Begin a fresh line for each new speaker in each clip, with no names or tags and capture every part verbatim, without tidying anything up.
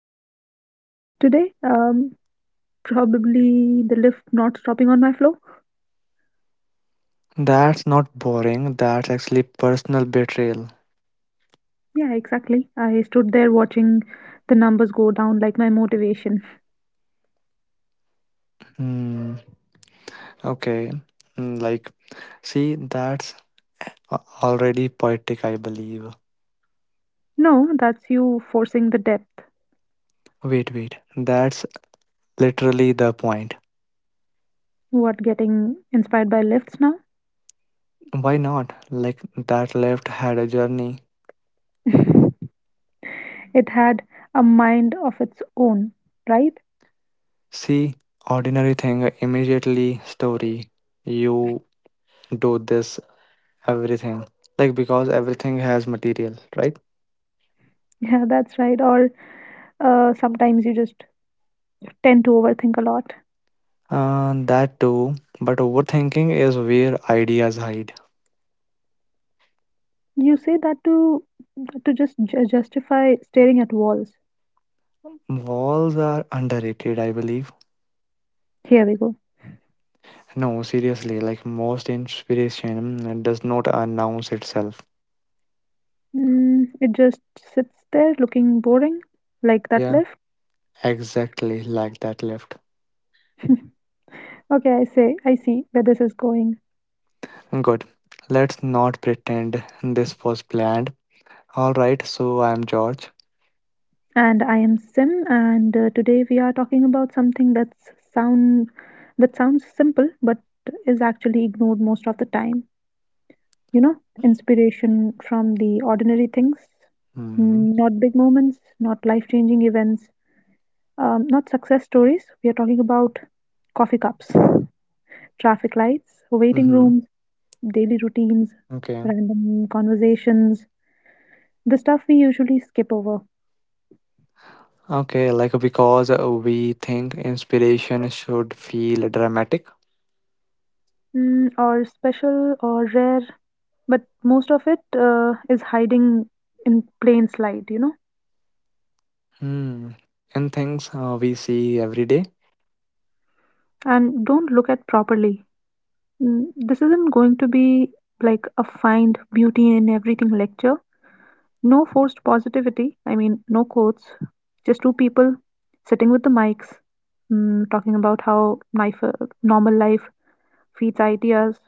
Today, um, probably the lift not stopping on my floor.
That's not boring, that's actually personal betrayal.
Yeah, exactly. I stood there watching the numbers go down like my motivation.
Hmm. Okay. Hmm, like, see, that's a- already poetic, I believe.
No, that's you forcing the depth.
Wait, wait. That's literally the point.
What, getting inspired by lifts now?
Why not? Like, that left had a journey.
It had a mind of its own, right?
See, ordinary thing, immediately story. You do this, everything. Like, because everything has material, right?
Yeah, that's right. Or uh, sometimes you just tend to overthink a lot.
Uh, that too, but overthinking is where ideas hide.
You say that to to just ju- justify staring at walls.
Walls are underrated, I believe.
Here we go.
No, seriously, like most inspiration uh, does not announce itself.
Mm, it just sits there looking boring, like that
Yeah,
left.
exactly like that left.
Okay, I say I see where this is going.
Good. Let's not pretend this was planned. Alright, so I'm George.
And I am Sim, and uh, today we are talking about something that's sound that sounds simple but is actually ignored most of the time. You know, inspiration from the ordinary things,
Hmm.
not big moments, not life-changing events, um, not success stories. We are talking about coffee cups, traffic lights, waiting
Mm-hmm.
rooms, daily routines,
Okay.
random conversations, the stuff we usually skip over.
Okay, like because uh, we think inspiration should feel dramatic.
Mm, or special or rare, but most of it uh, is hiding in plain sight, you know.
Hmm. And things uh, we see every day?
And don't look at properly. Mm, This isn't going to be like a find beauty in everything lecture. No forced positivity. I mean, no quotes. Just two people sitting with the mics, mm, talking about how life, uh, normal life feeds ideas.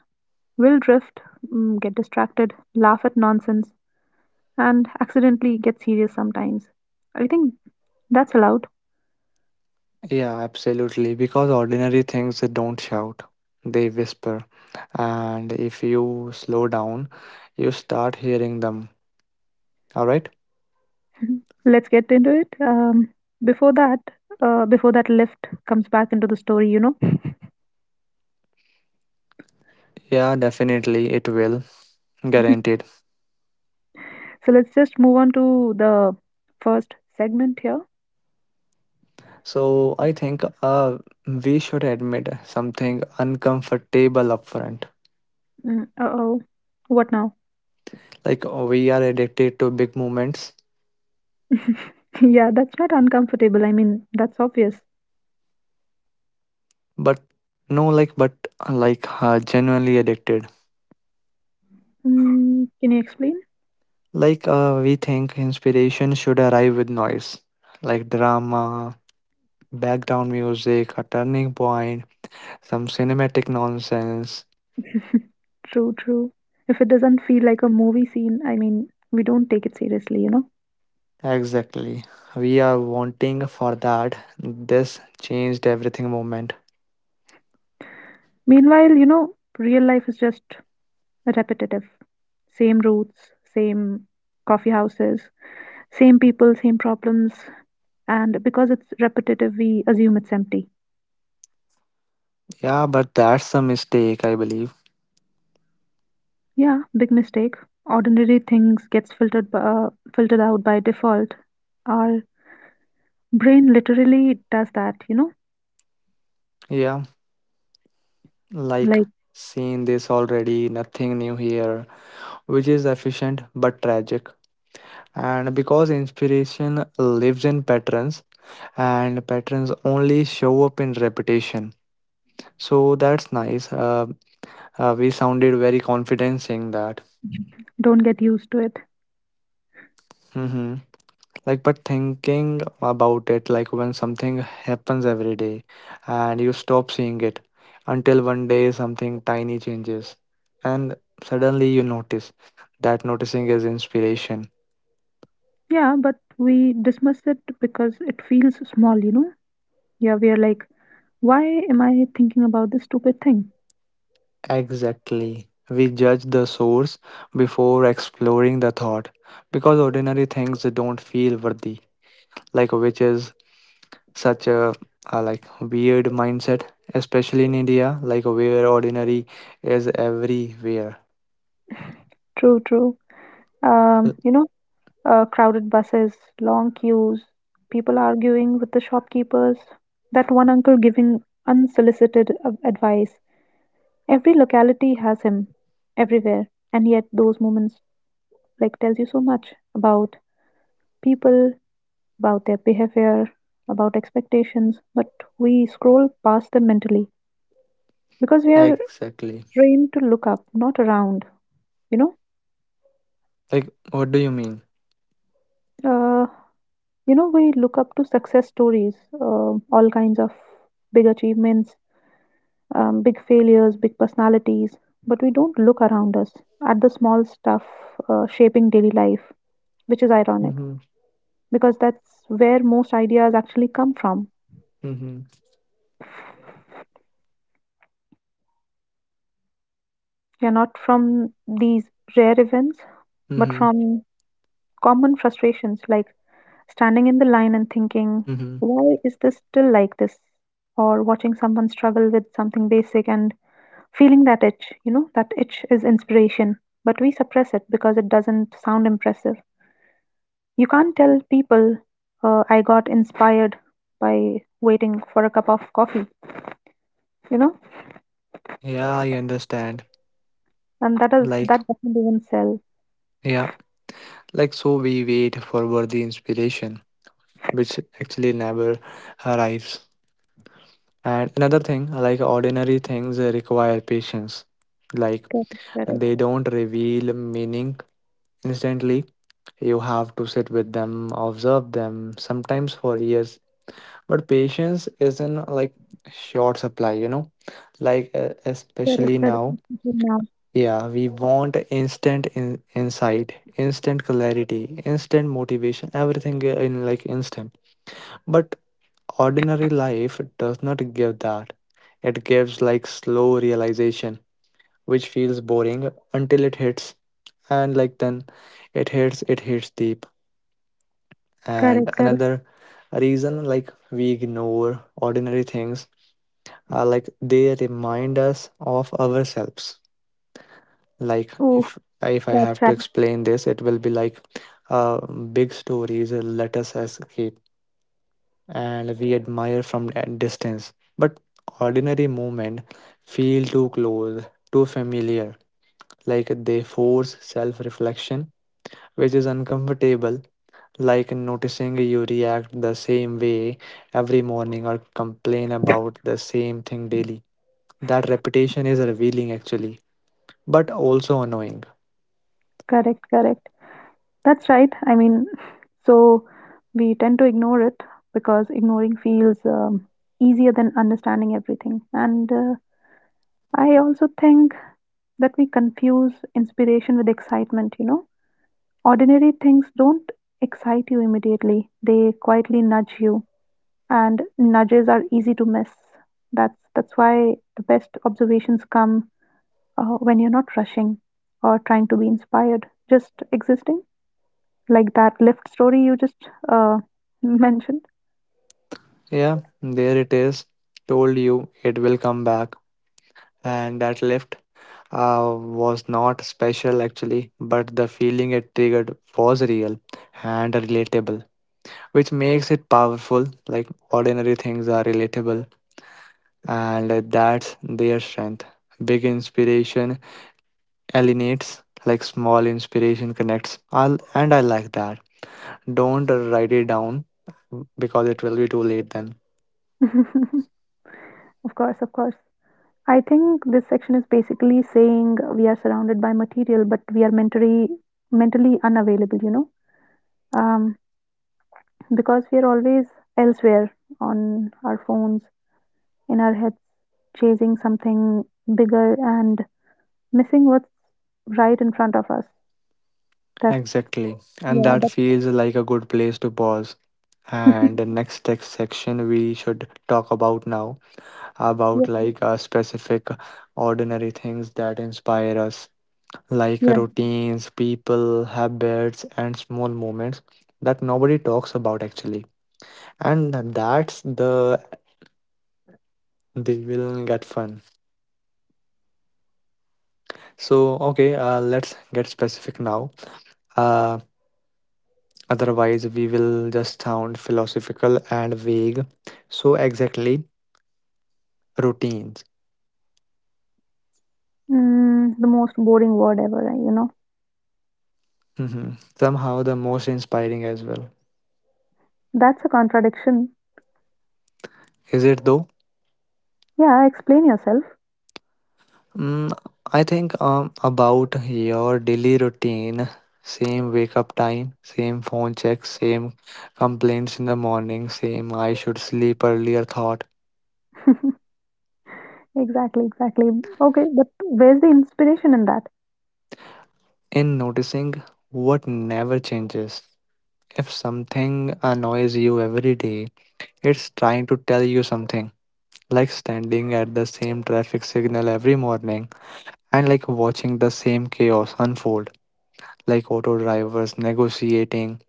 Will drift, mm, get distracted, laugh at nonsense, and accidentally get serious sometimes. I think that's allowed.
Yeah, absolutely. Because ordinary things they don't shout, they whisper. And if you slow down, you start hearing them. All right?
Let's get into it. Um, before that, uh, before that lift comes back into the story, you know.
Yeah, definitely. It will. Guaranteed.
So let's just move on to the first segment here.
So I think uh, we should admit something uncomfortable upfront.
Mm, uh-oh. What now?
Like we are addicted to big moments,
Yeah, that's not uncomfortable. I mean, that's obvious.
but no, like, but like uh, genuinely addicted.
Mm, can you explain?
Like uh, we think inspiration should arrive with noise, like drama, background music, a turning point, some cinematic nonsense.
True, true. If it doesn't feel like a movie scene, I mean, we don't take it seriously, you know?
Exactly. We are wanting for that this changed everything moment.
Meanwhile, you know, real life is just repetitive. Same routes, same coffee houses, same people, same problems. And because it's repetitive, we assume it's empty.
Yeah, but that's a mistake, I believe.
Yeah, big mistake. Ordinary things gets filtered b- uh, filtered out by default. Our brain literally does that, you know,
Yeah, like
like
seen this already, nothing new here, which is efficient but tragic. And because inspiration lives in patterns, and patterns only show up in repetition. So that's nice. Uh, uh, we sounded very confident saying that.
don't get used to it.
Hmm. Like, but thinking about it, like when something happens every day and you stop seeing it until one day something tiny changes and suddenly you notice that noticing is inspiration.
Yeah, but we dismiss it because it feels small, you know. Yeah, we are like, why am I thinking about this stupid thing?
Exactly. We judge the source before exploring the thought because ordinary things don't feel worthy, like which is such a, a like weird mindset, especially in india, like where ordinary is everywhere.
True, true. um, you know, uh, Crowded buses, long queues, people arguing with the shopkeepers, that one uncle giving unsolicited uh, advice. Every locality has him, everywhere, and yet those moments like tells you so much about people, about their behavior, about expectations, but we scroll past them mentally because we are
Exactly.
trained to look up, not around. You
Like what do you mean?
know, uh. You know we look up to success stories, um all kinds of big achievements, um, big failures, big personalities, but we don't look around us at the small stuff, uh, shaping daily life, which is ironic
Mm-hmm.
because that's where most ideas actually come from.
Mm-hmm.
They're not from these rare events, but
Mm-hmm.
from common frustrations like standing in the line and thinking,
Mm-hmm.
why is this still like this? Or watching someone struggle with something basic and feeling that itch. You know, that itch is inspiration, but we suppress it because it doesn't sound impressive. You can't tell people, uh, I got inspired by waiting for a cup of coffee, you know,
Yeah, I understand.
and that is
Like,
that doesn't even sell.
yeah, like so we wait for worthy inspiration which actually never arrives. And another thing, like ordinary things require patience, like
Correct, correct,
they don't reveal meaning instantly. You have to sit with them, observe them, sometimes for years. But patience is in like short supply, you know, like uh,
correct, correct.
especially
mister
now.
Ma'am.
Yeah, we want instant in insight, instant clarity, instant motivation, everything in like instant. But ordinary life does not give that. It gives like slow realization, which feels boring until it hits, and like then it hits, it hits deep.
Correct,
And
correct.
another reason like we ignore ordinary things, uh, like they remind us of ourselves. Like
Oh,
if if I
that's right.
have to explain this it will be like, uh, big stories let us escape and we admire from a distance, but ordinary moment feel too close, too familiar, like they force self reflection, which is uncomfortable, like noticing you react the same way every morning or complain about the same thing daily. That repetition is revealing actually, but also annoying.
Correct, correct. That's right. I mean, so we tend to ignore it because ignoring feels um, easier than understanding everything. And uh, I also think that we confuse inspiration with excitement, you know. Ordinary things don't excite you immediately. They quietly nudge you, and nudges are easy to miss. That's that's why the best observations come uh, when you're not rushing or trying to be inspired, just existing. Like that lift story you just uh, mentioned.
Yeah, there it is. Told you it will come back. And that lift uh, was not special actually, but the feeling it triggered was real and relatable, which makes it powerful. Like ordinary things are relatable and that's their strength. Big inspiration alienates, like small inspiration connects. I'll, and I like that. Don't write it down because it will be too late then.
Of course, of course. I think this section is basically saying we are surrounded by material, but we are mentally mentally unavailable. You know, um, because we are always elsewhere on our phones, in our heads, chasing something bigger and missing what's right in front of us. That's
Exactly. And
yeah,
that
that's
feels like a good place to pause. And the next text section we should talk about now, about
yeah,
like uh, specific ordinary things that inspire us, like
yeah.
routines, people, habits, and small moments that nobody talks about actually. And that's the, they will get fun. So okay, uh, let's get specific now, uh, otherwise we will just sound philosophical and vague. So exactly, routines.
Mm, the most boring word ever. Eh, You know,
Hmm. Somehow the most inspiring as well.
that's a contradiction.
Is it though?
Yeah, explain yourself.
mm, I think um, about your daily routine, same wake up time, same phone check, same complaints in the morning, same I should sleep earlier thought.
Exactly, exactly. Okay, but where's the inspiration in that?
In noticing what never changes. If something annoys you every day, it's trying to tell you something. Like standing at the same traffic signal every morning and like watching the same chaos unfold, like auto drivers negotiating,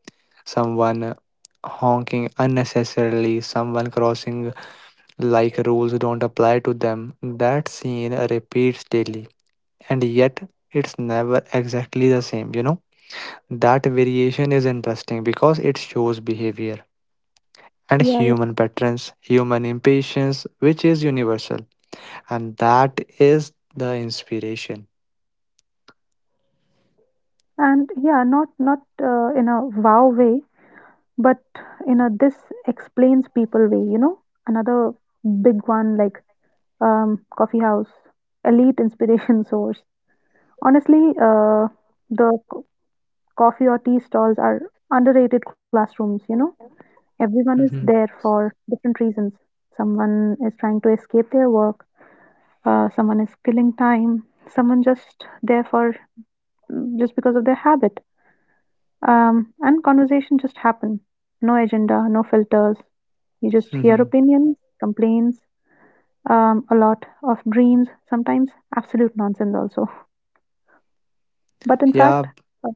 someone honking unnecessarily, someone crossing like rules don't apply to them. That scene repeats daily, and yet it's never exactly the same, you know? That variation is interesting because it shows behavior and
Yeah.
human patterns, human impatience, which is universal. And that is the inspiration.
And yeah, not not uh, in a wow way, but in a this explains people way, you know. Another big one like um, coffee house, elite inspiration source. Honestly, uh, the co- coffee or tea stalls are underrated classrooms, you know. Everyone is
Mhm.
there for different reasons. Someone is trying to escape their work, uh, someone is killing time, someone just there for just because of their habit. Um, and conversation just happen. No agenda, no filters. You just hear
Mhm.
opinions, complaints, um, a lot of dreams, sometimes absolute nonsense also. But in fact,
Yeah,
uh,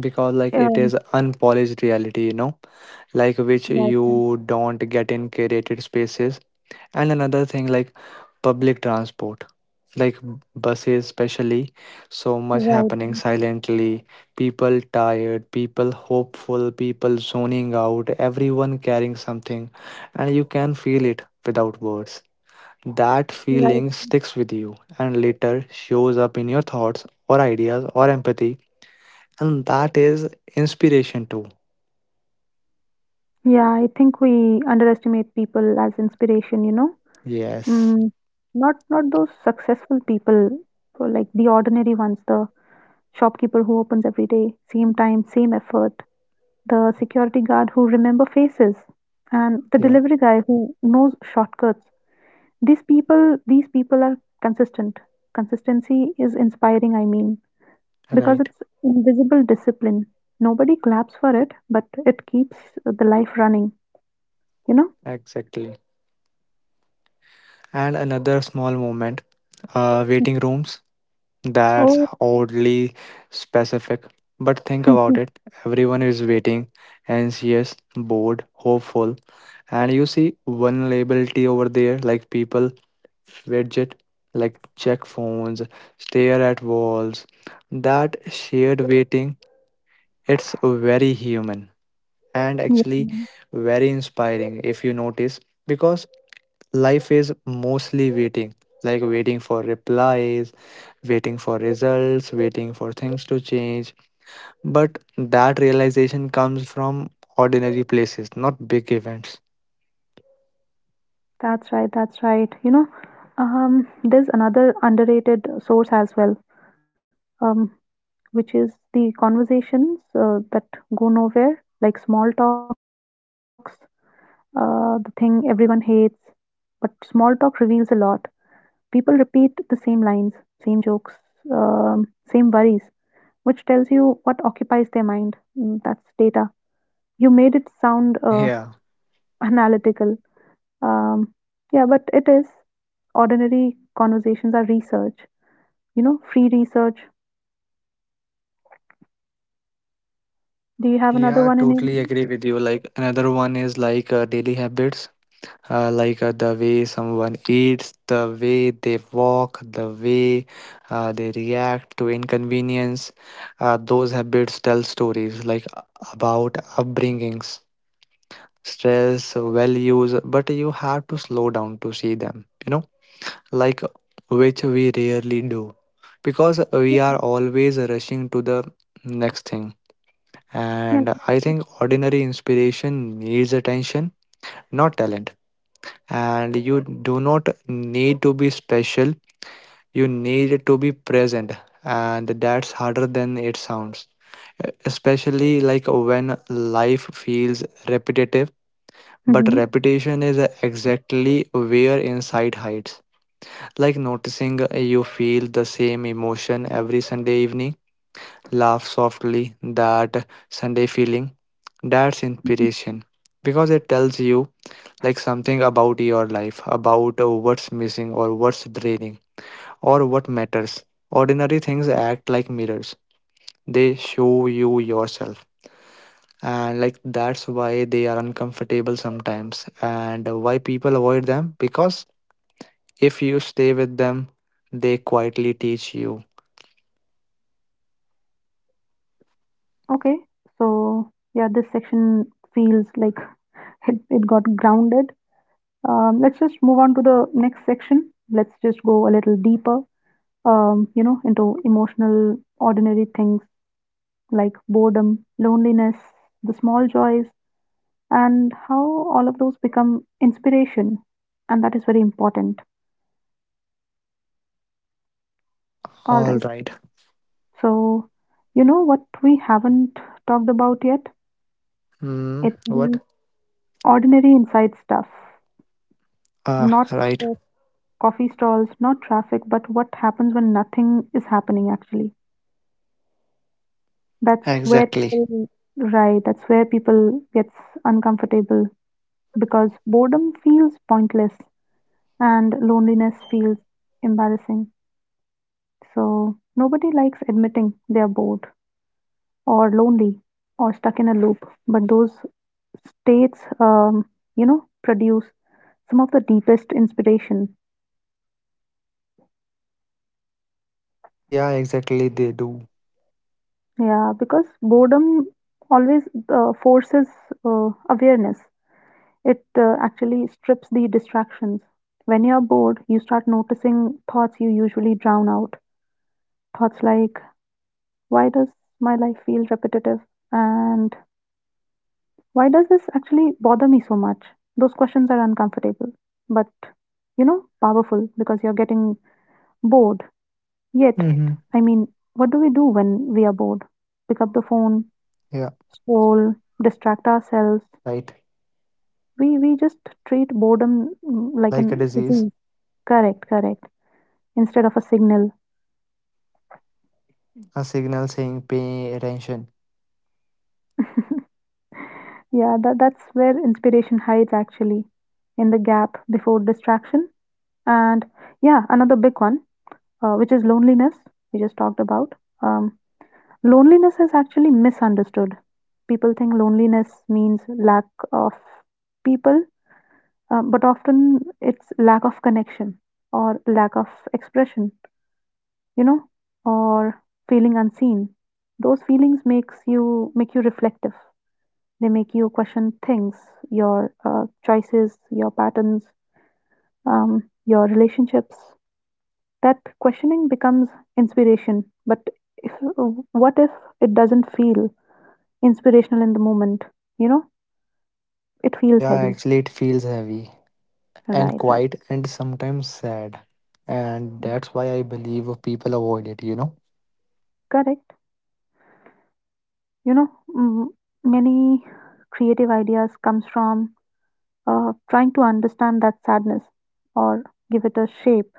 because like it
um,
is unpolished reality, you know, like which
right,
you don't get in curated spaces. And another thing, like public transport. Like b- buses especially, so much
right,
happening silently, people tired, people hopeful, people zoning out, everyone carrying something, and you can feel it without words. That
right.
feeling sticks with you and later shows up in your thoughts or ideas or empathy, and that is inspiration too.
Yeah, I think we underestimate people as inspiration. You know,
Yes.
mm, not not those successful people, so like the ordinary ones, the shopkeeper who opens every day, same time, same effort, the security guard who remember faces and the
Yeah.
delivery guy who knows shortcuts. These people these people are consistent. Consistency is inspiring, I mean, because
Right.
it's invisible discipline. Nobody claps for it, but it keeps the life running, you know.
Exactly. And another small moment, uh, waiting rooms. That's
Oh.
oddly specific. But think about it. Everyone is waiting, anxious, bored, hopeful. And you see vulnerability over there, like people fidget, like check phones, stare at walls. That shared waiting, it's very human and actually
Yeah,
very inspiring if you notice, because life is mostly waiting, like waiting for replies, waiting for results, waiting for things to change. But that realization comes from ordinary places, not big events.
that's right, that's right, you know. Um there's another underrated source as well, um which is the conversations uh, that go nowhere, like small talks, uh, the thing everyone hates, but small talk reveals a lot. People repeat the same lines, same jokes, um, same worries, which tells you what occupies their mind. Mm. That's data. You made it sound uh,
Yeah,
analytical. Um, yeah, but it is. Ordinary conversations are research, you know, free research. Do you have another
yeah,
one in your
totally
mind?
agree with you. Like another one is like uh, daily habits, uh, like uh, the way someone eats, the way they walk, the way uh, they react to inconvenience. Uh, those habits tell stories like about upbringings, stress, values, but you have to slow down to see them, you know, like which we rarely do because we are always rushing to the next thing.
Yeah.
And I think ordinary inspiration needs attention, not talent. And you do not need to be special, you need to be present, and that's harder than it sounds, especially like when life feels repetitive. But
Hmm.
repetition is exactly where insight hides. Like noticing you feel the same emotion every Sunday evening, laugh softly that Sunday feeling. That's inspiration because it tells you like something about your life, about uh, what's missing or what's draining or what matters. Ordinary things act like mirrors, they show you yourself. And like that's why they are uncomfortable sometimes and why people avoid them because if you stay with them, they quietly teach you.
Okay, so yeah, this section feels like it, it got grounded. Um, let's just move on to the next section. Let's just go a little deeper, um, you know, into emotional, ordinary things like boredom, loneliness, the small joys, and how all of those become inspiration. And that is very important. All
All
right.
right.
So, you know what we haven't talked about yet?
Hmm.
It's
What?
the ordinary inside stuff,
Ah,
not
right.
the coffee stalls, not traffic, but what happens when nothing is happening actually. That's where
Exactly.
people right, that's where people gets uncomfortable because boredom feels pointless and loneliness feels embarrassing. So nobody likes admitting they are bored or lonely or stuck in a loop, but those states um, you know produce some of the deepest inspiration.
Yeah, exactly. They do.
Yeah, because boredom always uh, forces uh, awareness. It uh, actually strips the distractions. When you're bored, you start noticing thoughts you usually drown out. Thoughts like, why does my life feel repetitive? And why does this actually bother me so much? Those questions are uncomfortable, but you know, powerful because you're getting bored. Yet,
Mm-hmm.
I mean, what do we do when we are bored? Pick up the phone,
Yeah,
scroll, distract ourselves.
right.
We we just treat boredom mm, like
Like a
an
disease,
disease. Correct, correct. Instead of a signal.
a signal saying pay attention.
Yeah, that, that's where inspiration hides actually, in the gap before distraction. And yeah, another big one, uh, which is loneliness, we just talked about. Um, Loneliness is actually misunderstood. People think loneliness means lack of people, uh, but often it's lack of connection or lack of expression, you know, or feeling unseen. Those feelings makes you make you reflective. They make you question things, your uh, choices, your patterns, um, your relationships. That questioning becomes inspiration. But if, what if it doesn't feel inspirational in the moment? You know, it feels
Yeah,
heavy.
actually, it feels heavy and
Right, right.
quiet and sometimes sad. And
Mm.
that's why I believe people avoid it, you know?
Correct. You know, mm, many creative ideas comes from uh, trying to understand that sadness or give it a shape,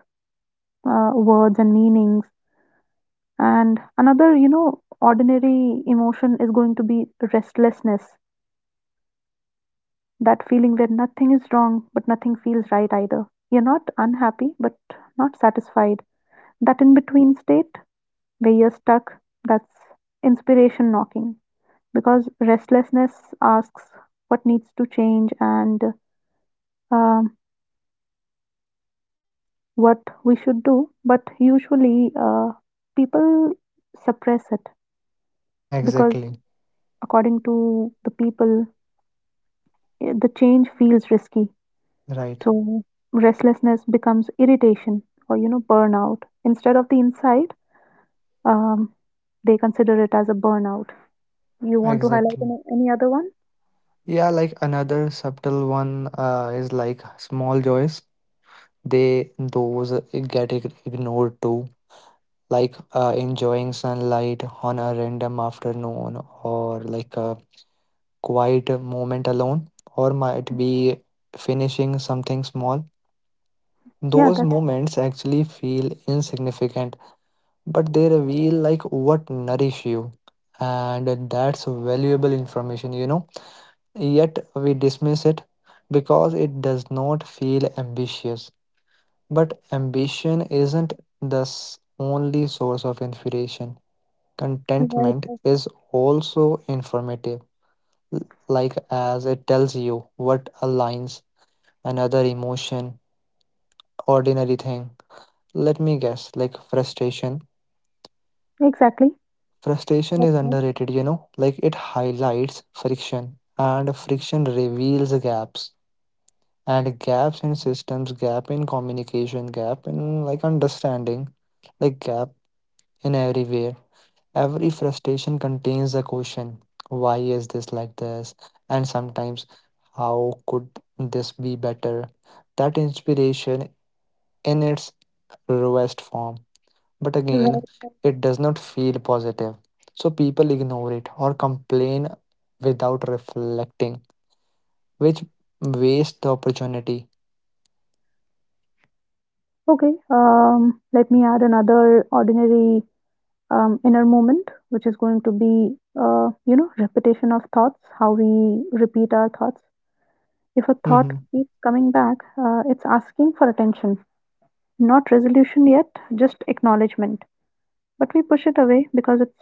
uh, words and meanings. And another, you know, ordinary emotion is going to be restlessness, that feeling where nothing is wrong, but nothing feels right either. You're not unhappy, but not satisfied. That in between state where you're stuck, that's inspiration knocking. Because restlessness asks what needs to change and um what we should do, but usually uh, people suppress it because
Exactly.
according to the people the change feels risky.
Right.
So restlessness becomes irritation or you know burnout. Instead of the insight, um, they consider it as a burnout. You want to highlight
Exactly.
any, any other one?
Yeah, like another subtle one uh, is like small joys. They, those get ig- ignored too, like uh, enjoying sunlight on a random afternoon or like a quiet moment alone or might be finishing something small.
Yeah,
Those
that's
moments actually feel insignificant but they reveal like what nourish you, and that's valuable information, you know, yet we dismiss it because it does not feel ambitious. But ambition isn't the s- only source of inspiration. Contentment
right.
is also informative, l- like as it tells you what aligns. Another emotion, ordinary thing. Let me guess, like frustration.
Exactly.
Frustration is
That's nice.
underrated, you know, like it highlights friction, and friction reveals gaps. And gaps in systems, gap in communication, gap in like understanding, like gap in everywhere. Every frustration contains a question, why is this like this? And sometimes, how could this be better? That inspiration in its rawest form. But again,
Right.
it does not feel positive. So people ignore it or complain without reflecting, which wastes the opportunity.
Okay. Um, let me add another ordinary um, inner moment, which is going to be, uh, you know, repetition of thoughts, how we repeat our thoughts. If a thought
Mhm.
keeps coming back, uh, it's asking for attention. Not resolution yet, just acknowledgement. But we push it away because it's,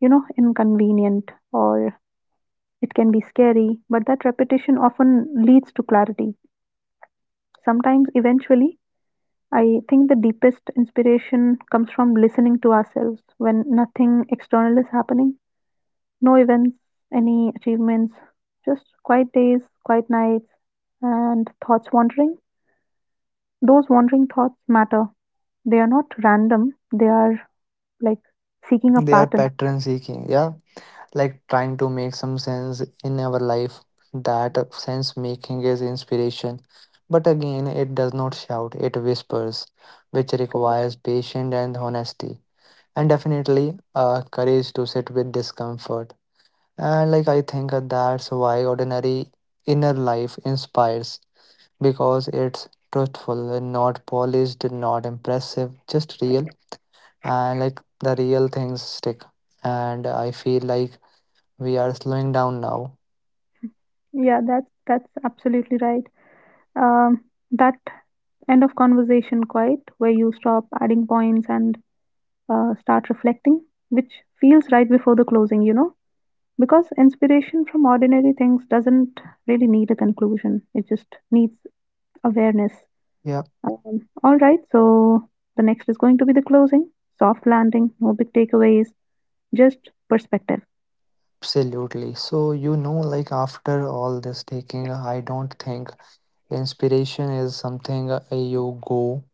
you know, inconvenient or it can be scary, but that repetition often leads to clarity. Sometimes, eventually, I think the deepest inspiration comes from listening to ourselves when nothing external is happening. No events, any achievements, just quiet days, quiet nights, and thoughts wandering. Those wandering thoughts matter. They are not random, they are like seeking a
They are
pattern.
pattern seeking. Yeah, like trying to make some sense in our life. That sense making is inspiration. But again, it does not shout, it whispers, which requires patience and honesty, and definitely uh, courage to sit with discomfort. And like I think that's why ordinary inner life inspires, because it's truthful, not polished, not impressive, just real. And like the real things stick. And I feel like we are slowing down now.
Yeah, that's that's absolutely right. Um, that end of conversation quiet where you stop adding points and uh, start reflecting, which feels right before the closing, you know, because inspiration from ordinary things doesn't really need a conclusion. It just needs awareness.
Yeah,
Um, all right, so the next is going to be the closing, soft landing, no big takeaways, just perspective.
absolutely. So, you know, like after all this taking, I don't think inspiration is something uh, you go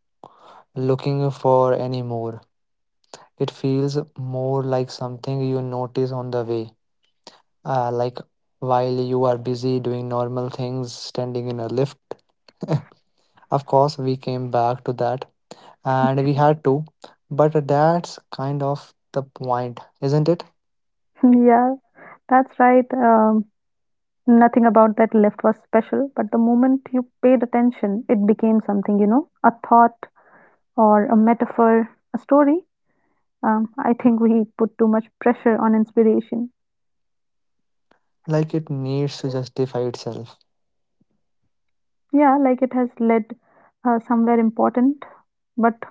looking for anymore. It feels more like something you notice on the way. Uh, like while you are busy doing normal things, standing in a lift. Of course, we came back to that and we had to, but that's kind of the point, isn't it?
Yeah, that's right. Um, Nothing about that lift was special, but the moment you paid attention, it became something, you know, a thought or a metaphor, a story. Um, I think we put too much pressure on inspiration.
Like it needs to justify itself.
Yeah, like it has led uh, somewhere important, but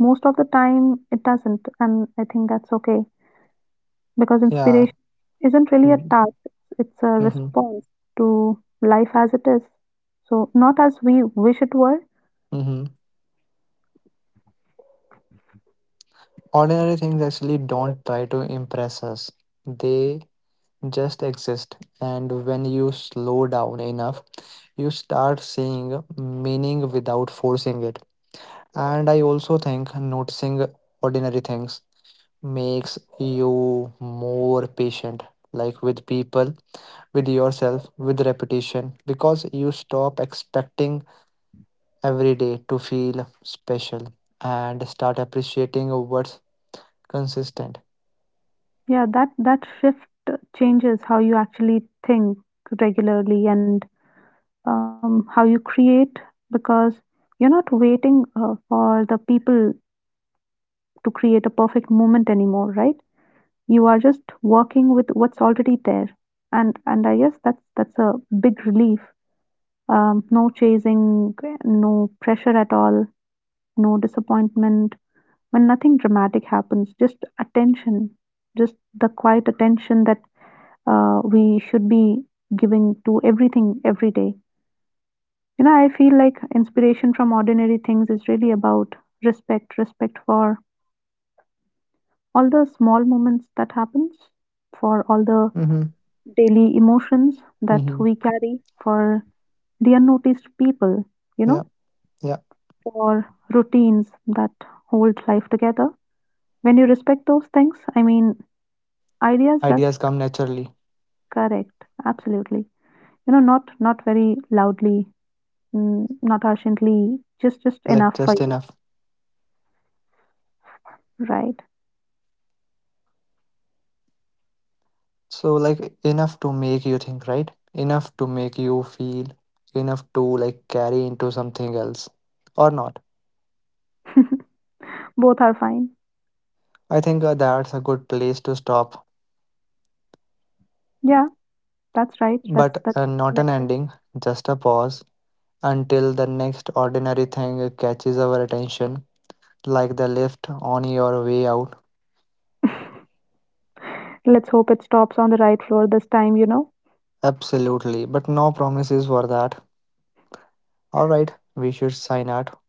most of the time it doesn't, and I think that's okay because
Yeah.
inspiration isn't really a
Mm,
task, it's a
mhm,
response to life as it is. So, not as we wish it were.
mhm. Ordinary things actually don't try to impress us. They just exist. And when you slow down enough, you start seeing meaning without forcing it. And I also think noticing ordinary things makes you more patient, like with people, with yourself, with repetition, because you stop expecting every day to feel special and start appreciating what's consistent.
Yeah, that that shift changes how you actually think regularly and um, how you create because you're not waiting uh, for the people to create a perfect moment anymore, right? You are just working with what's already there, and and I guess that's that's a big relief. Um, no chasing, no pressure at all, no disappointment. When nothing dramatic happens, just attention, just the quiet attention that uh, we should be giving to everything every day. You know, I feel like inspiration from ordinary things is really about respect, respect for all the small moments that happens, for all the
Hmm.
daily emotions that
Hmm.
we carry, for the unnoticed people, you know,
Yeah, yeah.
for routines that hold life together. When you respect those things, I mean, ideas does
Ideas come naturally,
correct, absolutely. You know, not not very loudly. Mm, not urgently, just just
like
enough for
just
you,
enough.
right?
So, like, enough to make you think, right? Enough to make you feel, enough to like carry into something else or not.
Both are fine.
I think uh, that's a good place to stop,
Yeah, that's right. That's
but
that's.
uh, not an ending, just a pause until the next ordinary thing catches our attention, like the lift on your way out.
Let's hope it stops on the right floor this time, you know.
Absolutely, but no promises for that. All right, we should sign out.